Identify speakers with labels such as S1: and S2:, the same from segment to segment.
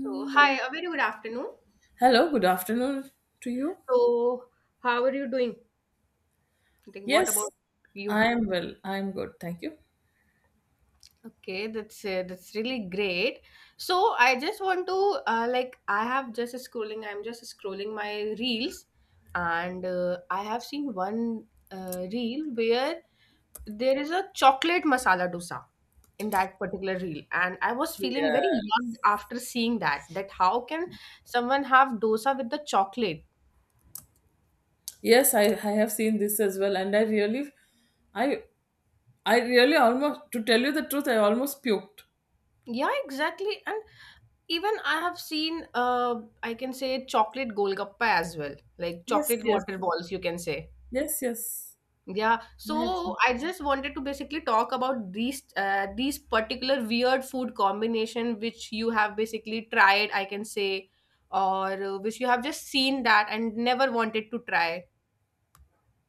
S1: So, hi, a very good afternoon.
S2: Hello, good afternoon to you.
S1: So, how are you doing? Like, what about
S2: Yes,
S1: you?
S2: I am well. I am good. Thank you.
S1: Okay, that's really great. So, I just want to like I have just scrolling my reels, and I have seen one reel where there is a chocolate masala dosa in that particular reel, and I was feeling very
S2: Yeah.
S1: young after seeing that. That how can someone have dosa with the chocolate?
S2: Yes, I have seen this as well, and I I really almost, to tell you the truth, I almost puked.
S1: Yeah, exactly. And even I have seen, I can say chocolate golgappa as well, like
S2: Yes,
S1: chocolate
S2: yes,
S1: water balls, you can say.
S2: yes, yes.
S1: Yeah.
S2: I have.
S1: So I just wanted to basically talk about these particular weird food combination which you have basically tried, I can say, or which you have just seen that and never wanted to try.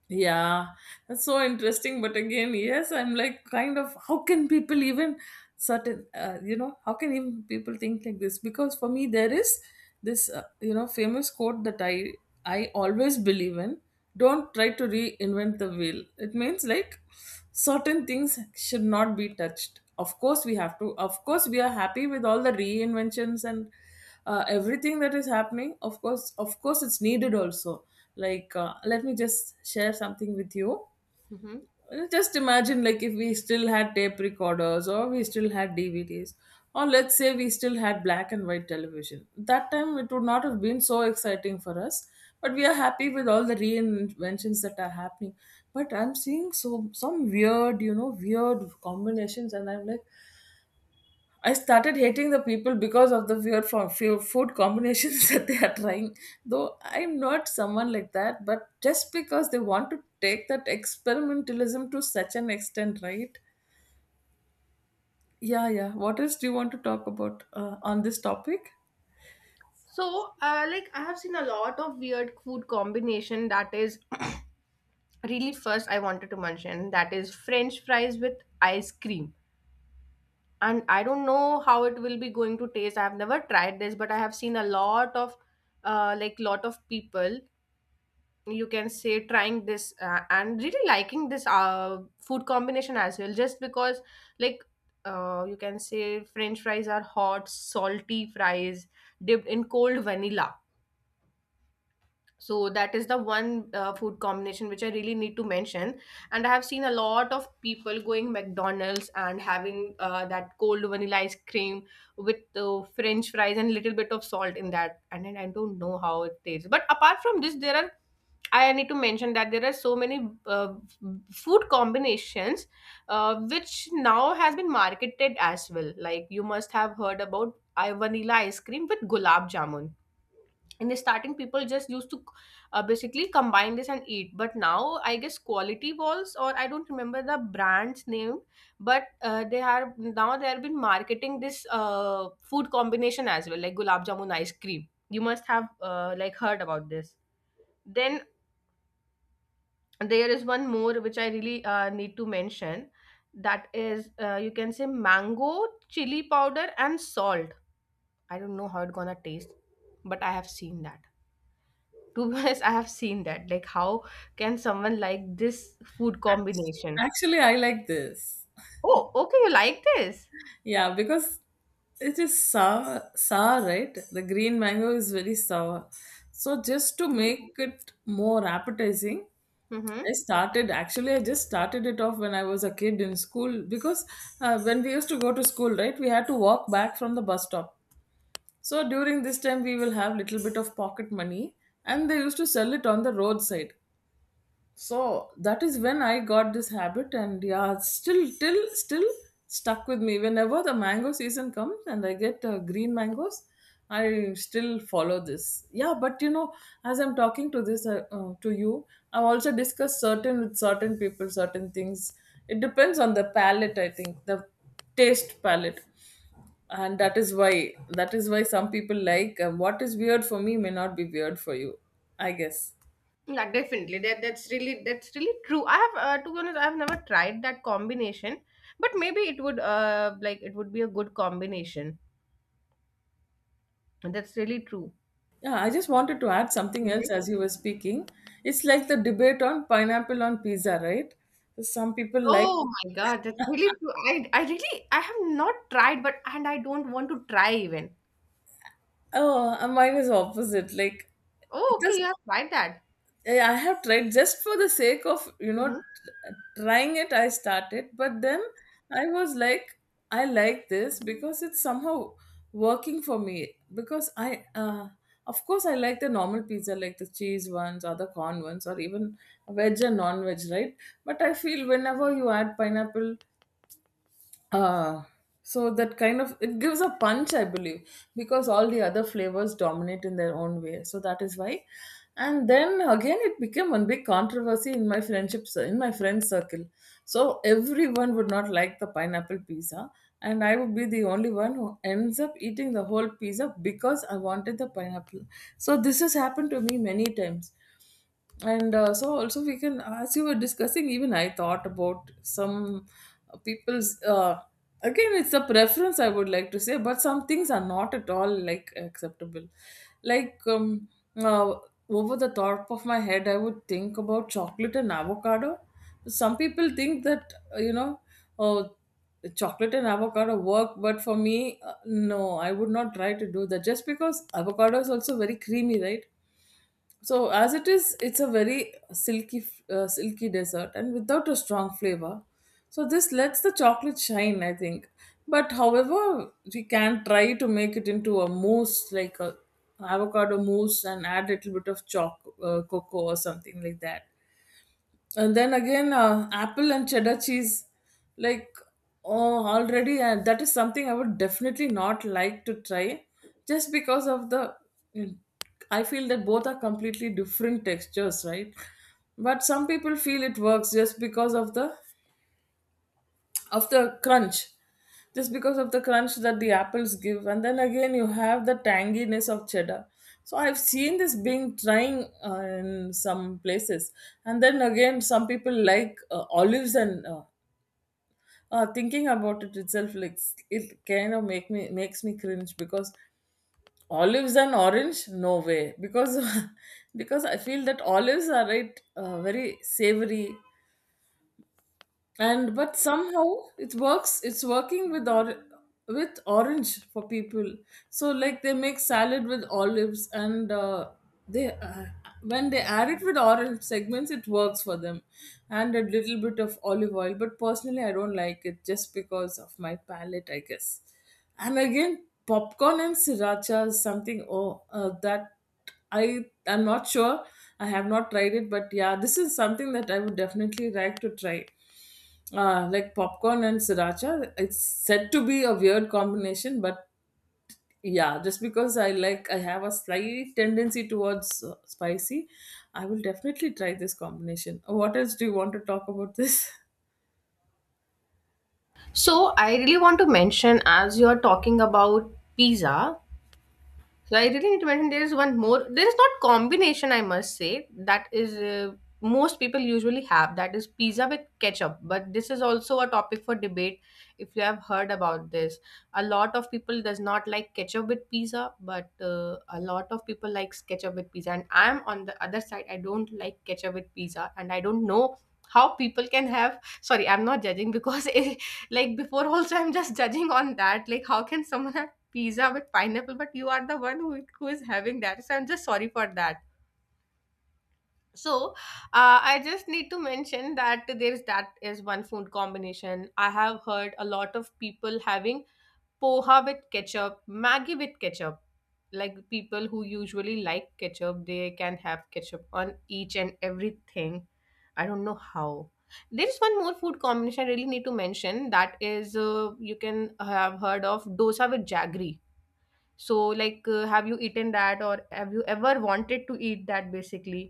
S2: Yeah, that's so interesting. But again, yes, I'm like kind of how can people even certain how can even people think like this? Because for me, there is this famous quote that I always believe in. Don't try to reinvent the wheel. It means like certain things should not be touched. Of course, we have to. Of course, we are happy with all the reinventions and everything that is happening, of course. Of course it's needed also. Like, let me just share something with you.
S1: Hmm.
S2: Just imagine, like, if we still had tape recorders, or we still had DVDs, or let's say we still had black and white television. That time it would not have been so exciting for us, but we are happy with all the reinventions that are happening. But I'm seeing so some weird weird combinations, and I'm like, I started hating the people because of the weird from few food combinations that they are trying. Though I'm not someone like that, but just because they want to take that experimentalism to such an extent, right? Yeah, yeah. What else do you want to talk about on this topic?
S1: So, like I have seen a lot of weird food combination that is really first I wanted to mention that is French fries with ice cream, and I don't know how it will be going to taste. I've never tried this, but I have seen a lot of like lot of people, you can say, trying this and really liking this food combination as well just because like you can say french fries are hot salty fries dipped in cold vanilla. So that is the one food combination which I really need to mention, and I have seen a lot of people going McDonald's and having that cold vanilla ice cream with french fries and little bit of salt in that, and then I don't know how it tastes. But apart from this, there are, I need to mention that there are so many food combinations which now has been marketed as well. Like you must have heard about I vanilla ice cream with gulab jamun. In the starting, people just used to basically combine this and eat, but now I guess quality balls or I don't remember the brand's name, but they are now they have been marketing this food combination as well, like gulab jamun ice cream. You must have like heard about this. Then there is one more which I really need to mention, that is you can say mango, chili powder and salt. I don't know how it's gonna taste, but I have seen that. To be honest, I have seen that. Like, how can someone like this food combination?
S2: Actually, I like this.
S1: Oh, okay, you like this.
S2: Yeah, because it is sour, sour, right? The green mango is very sour. So just to
S1: Mm-hmm.
S2: make it more appetizing,
S1: Mm-hmm.
S2: I started actually, I just started it off when I was a kid in school, because when we used to go to school, right, we had to walk back from the bus stop. So during this time we will have little bit of pocket money, and they used to sell it on the roadside. So that is when I got this habit. And yeah, it's still stuck with me. Whenever the mango season comes and I get green mangoes, I still follow this. Yeah. But, as I'm talking to you, I've also discussed certain with certain people certain things. It depends on the palate, I think. The taste palate. And that is why some people, like, what is weird for me may not be weird for you, I guess.
S1: Yeah, definitely. That's really that's really true. I have, to be honest, I have never tried that combination, but maybe it would like it would be a good combination. That's really true.
S2: Yeah, I just wanted to add something else
S1: Mhm.
S2: as you were speaking. It's like the debate on pineapple on pizza, right? Some people like,
S1: Oh my God, that's really true. I really I have not tried, but and I don't want to try even.
S2: oh, mine is opposite. Like,
S1: Oh, okay,
S2: just
S1: you have tried that.
S2: I have tried just for the sake of
S1: Mm-hmm.
S2: trying it. I started, but then I was like, I like this because it's somehow working for me. Because of course, I like the normal pizza, like the cheese ones or the corn ones, or even veg and non-veg, right? But I feel whenever you add pineapple, uh, so that kind of it gives a punch, I believe, because all the other flavors dominate in their own way. So that is why. And then again, it became one big controversy in my friend circle. So everyone would not like the pineapple pizza, and I would be the only one who ends up eating the whole pizza because I wanted the pineapple. So this has happened to me many times. And so also, we can, as you were discussing, even I thought about some people's, again, it's a preference I would like to say. But some things are not at all, like, acceptable. Like, uh, over the top of my head, I would think about chocolate and avocado. Some people think that oh, chocolate and avocado work. But for me, no, I would not try to do that, just because avocado is also very creamy, right? So as it is, it's a very silky dessert, and without a strong flavor. So this lets the chocolate shine, I think. But however, we can try to make it into a mousse, like a avocado mousse, and add a little bit of choc cocoa or something like that. And then again, apple and cheddar cheese, like, oh, already, that is something I would definitely not like to try, just because of the. I feel that both are completely different textures, right? But some people feel it works of the crunch just because of the crunch that the apples give, and then again, you have the tanginess of cheddar. So I've seen this being trying in some places. And then again, some people like, olives and thinking about it itself, like, it kind of makes me cringe, because olives and orange, no way, because because I feel that olives are, right, very savory. And but somehow it's working with orange for people. So, like, they make salad with olives, and they, when they add it with orange segments, it works for them. And a little bit of olive oil. But personally, I don't like it, just because of my palate, I guess. And again, popcorn and sriracha is something. Oh, that I'm not sure. I have not tried it, but yeah, this is something that I would definitely like to try, like popcorn and sriracha. It's said to be a weird combination, but yeah, just because I like, I have a slight tendency towards spicy, I will definitely try this combination. What else do you want to talk about this?
S1: So, I really want to mention, as you're talking about pizza, so I really need to mention there is one more. There is not combination I must say that is most people usually have, that is pizza with ketchup. But this is also a topic for debate. If you have heard about this, a lot of people does not like ketchup with pizza, but a lot of people likes ketchup with pizza. And I'm on the other side. I don't like ketchup with pizza, and I don't know how people can have. Sorry, I'm not judging because like before also I'm just judging on that. Like how can someone have pizza with pineapple, but you are the one who is having that. So I'm just sorry for that. So I just need to mention that there is that is one food combination. I have heard a lot of people having poha with ketchup, Maggi with ketchup. Like people who usually like ketchup, they can have ketchup on each and everything. I don't know how. There is one more food combination I really need to mention. That is, you can have heard of dosa with jaggery. So, like, have you eaten that, or have you ever wanted to eat that? Basically,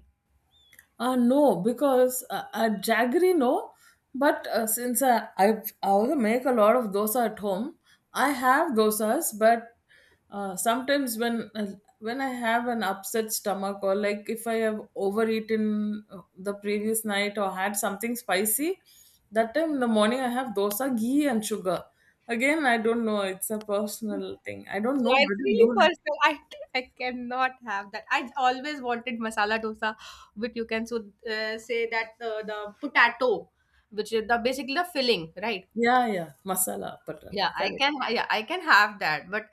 S2: No, because jaggery, no. But since I also make a lot of dosa at home, I have dosas. But sometimes when I have an upset stomach, or like if I have overeaten the previous night, or had something spicy, that time in the morning I have dosa, ghee, and sugar. Again, I don't know. It's a personal thing. I don't know
S1: yeah, it's
S2: whether
S1: really
S2: you like.
S1: personal. I cannot have that. I always wanted masala dosa, which you can so say that the potato, which is the basically the filling, right?
S2: Yeah, yeah, masala patata.
S1: Yeah, I
S2: Correct.
S1: can. Yeah, I can have that. But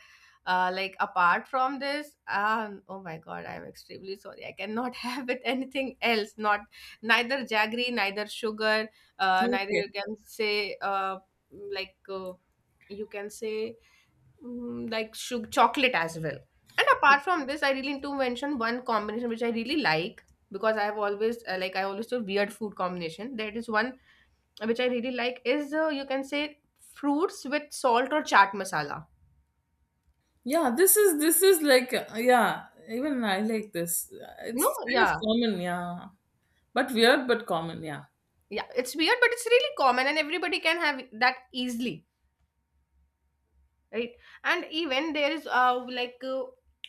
S1: like apart from this, oh my God, I'm extremely sorry. I cannot have it anything else. Not neither jaggery, neither sugar, neither
S2: Okay.
S1: you can say like you can say like sugar, chocolate as well. And apart from this, I really need to mention one combination which I really like, because I have always like I always do weird food combination. There is one which I really like is you can say fruits with salt or chaat masala.
S2: Yeah, this is like, yeah, even I like this.
S1: No,
S2: It's kind of
S1: yeah,
S2: common, yeah. But weird but common, yeah.
S1: yeah, it's weird, but it's really common, and everybody can have that easily, right? And even there is like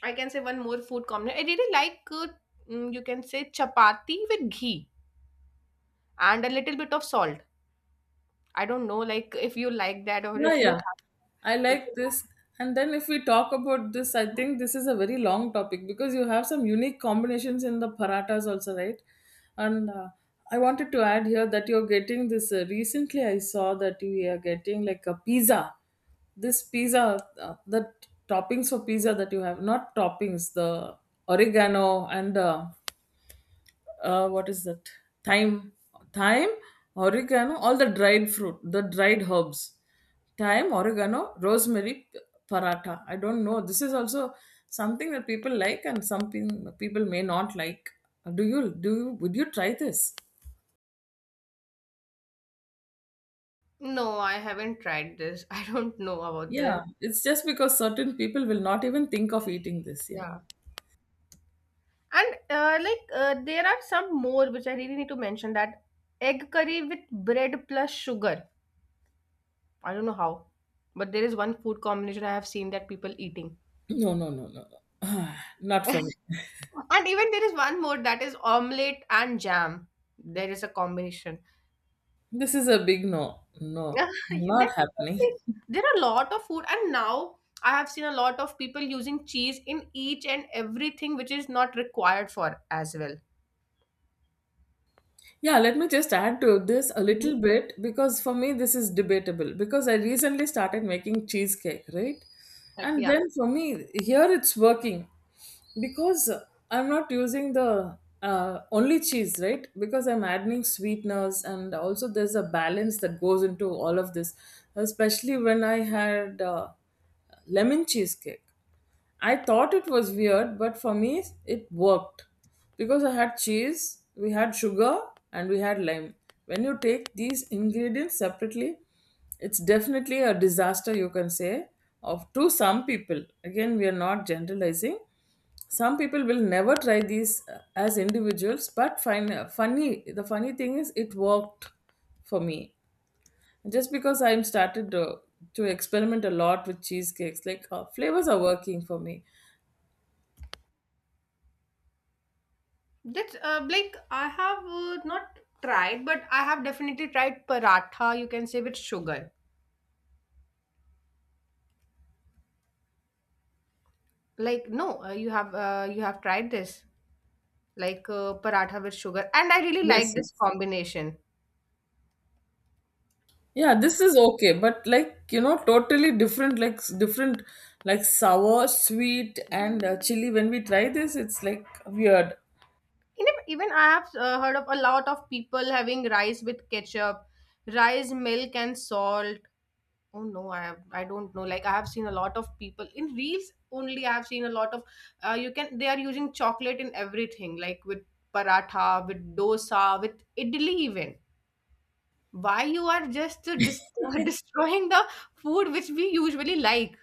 S1: I can say one more food combination I really like. You can say chapati with ghee and a little bit of salt. I don't know, like if you like that or
S2: Yeah, yeah. I
S1: if
S2: like
S1: you
S2: this. And then if we talk about this, I
S1: have.
S2: think this is a very long topic because you have some unique combinations in the paratas also, right? And I wanted to add here that you're getting this. Recently, I saw that we are getting like a pizza. This pizza, the toppings for pizza that you have, not toppings, the oregano, and what is that? Thyme, thyme, oregano, all the dried fruit, the dried herbs, thyme, oregano, rosemary, paratha. I don't know. This is also something that people like and something people may not like. Do you would you try this?
S1: No, I haven't tried this. I don't know about this.
S2: Yeah, it's just because certain people will not even think of eating this. Yeah,
S1: Yeah. And like there are some more which I really need to mention, that egg curry with bread plus sugar. I don't know how, but there is one food combination I have seen that people eating.
S2: no, no, no, no, no. not for me.
S1: And even there is one more, that is omelette and jam. There is a combination.
S2: This is a big no, no,
S1: Definitely,
S2: not happening.
S1: there are a lot of food, and now I have seen a lot of people using cheese in each and everything, which is not required for as well.
S2: Yeah, let me just add to this a
S1: Mhm.
S2: little bit, because for me this is debatable, because I recently started making cheesecake, right?
S1: Like,
S2: And
S1: yeah.
S2: then for me here it's working because I'm not using the only cheese, right? Because I'm adding sweeteners, and also there's a balance that goes into all of this, especially when I had lemon cheesecake. I thought it was weird, but for me, it worked, because I had cheese, we had sugar, and we had lime. When you take these ingredients separately, it's definitely a disaster, you can say, of, to some people. Again, we are not generalizing. Some people will never try these as individuals, but find funny. The funny thing is, it worked for me, just because I'm started to experiment a lot with cheesecakes, like, flavors are working for me.
S1: That's like I have not tried, but I have definitely tried paratha, you can say with sugar. Like no, uh, you have tried this like paratha with sugar, and I really like
S2: Yes, yes.
S1: this combination.
S2: Yeah, this is okay, but, like, totally different, like different, like sour, sweet, and chili. When we try this, it's like weird.
S1: Even I have heard of a lot of people having rice with ketchup, rice, milk, and salt. Oh no, I have I don't know. Like I have seen a lot of people in reels only. I have seen a lot of you can they are using chocolate in everything, like with paratha, with dosa, with idli even. Why you are just destroying the food which we usually like?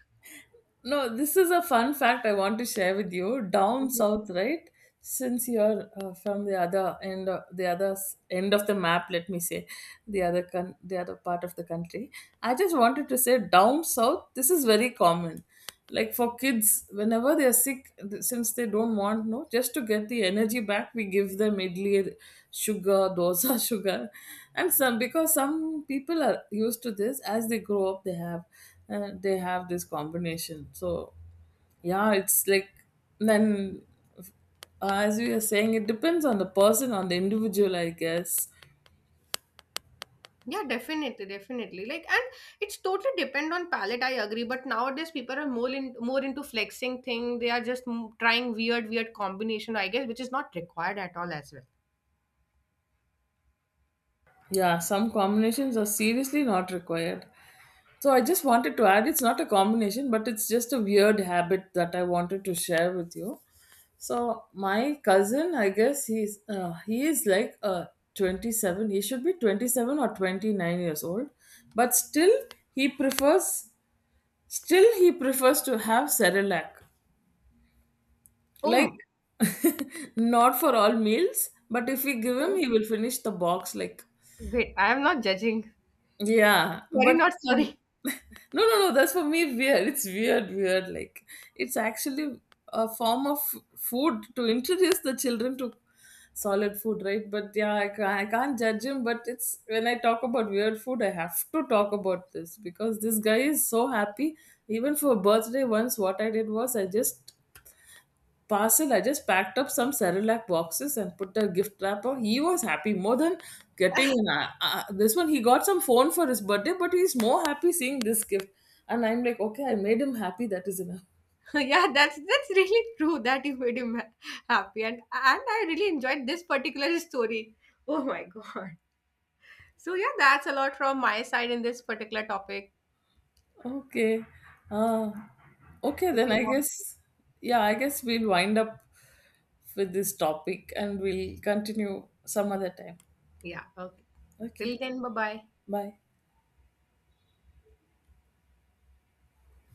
S2: No, this is a fun fact I want to share with you. Down
S1: Mhm.
S2: south, right? Since you're from the other end, of, the other end of the map, let me say, the other part of the country. I just wanted to say, down south, this is very common. Like, for kids, whenever they are sick, since they don't want, no, just to get the energy back, we give them idli, sugar, dosa, sugar, and some because some people are used to this. As they grow up, they have this combination. So, yeah, it's like, then as we are saying, it depends on the person, on the individual, I guess.
S1: Yeah, definitely, definitely. Like, and it's totally depend on palate. I agree, but nowadays people are more in more into flexing thing. They are just trying weird, weird combination, I guess, which is not required at all as
S2: Yeah, some combinations are seriously not required. So I just wanted to add, it's not a combination, but it's just a weird habit that I wanted to share with you. So my cousin, I guess, he is like, 27. He should be 27 or 29 years old. But still he prefers to have Cerelac. Like,
S1: well.
S2: not for all meals, but if we give him,
S1: Oh,
S2: he will finish the box. Like,
S1: wait, I am not judging.
S2: yeah,
S1: Sorry,
S2: but
S1: not sorry.
S2: no, no, no, that's for me weird. It's weird, weird. Like, it's actually a form of food to introduce the children to solid food, right? But yeah, I can't judge him. But it's when I talk about weird food, I have to talk about this, because this guy is so happy. Even for birthday, once what I did was, I just packed up some Cerelac boxes and put a gift wrapper. He was happy more than getting this one. He got some phone for his birthday, but he's more happy seeing this gift. And I'm like, okay, I made him happy. That is enough.
S1: Yeah, that's really true that you made him ha- happy, and I really enjoyed this particular story. Oh my God. So yeah, that's a lot from my side in this particular topic.
S2: Okay. Uh, okay,
S1: If
S2: then
S1: you
S2: I
S1: want,
S2: guess, yeah, I guess we'll wind up with this topic and we'll continue some other time.
S1: yeah, okay.
S2: Okay.
S1: Till then, bye bye.
S2: Bye.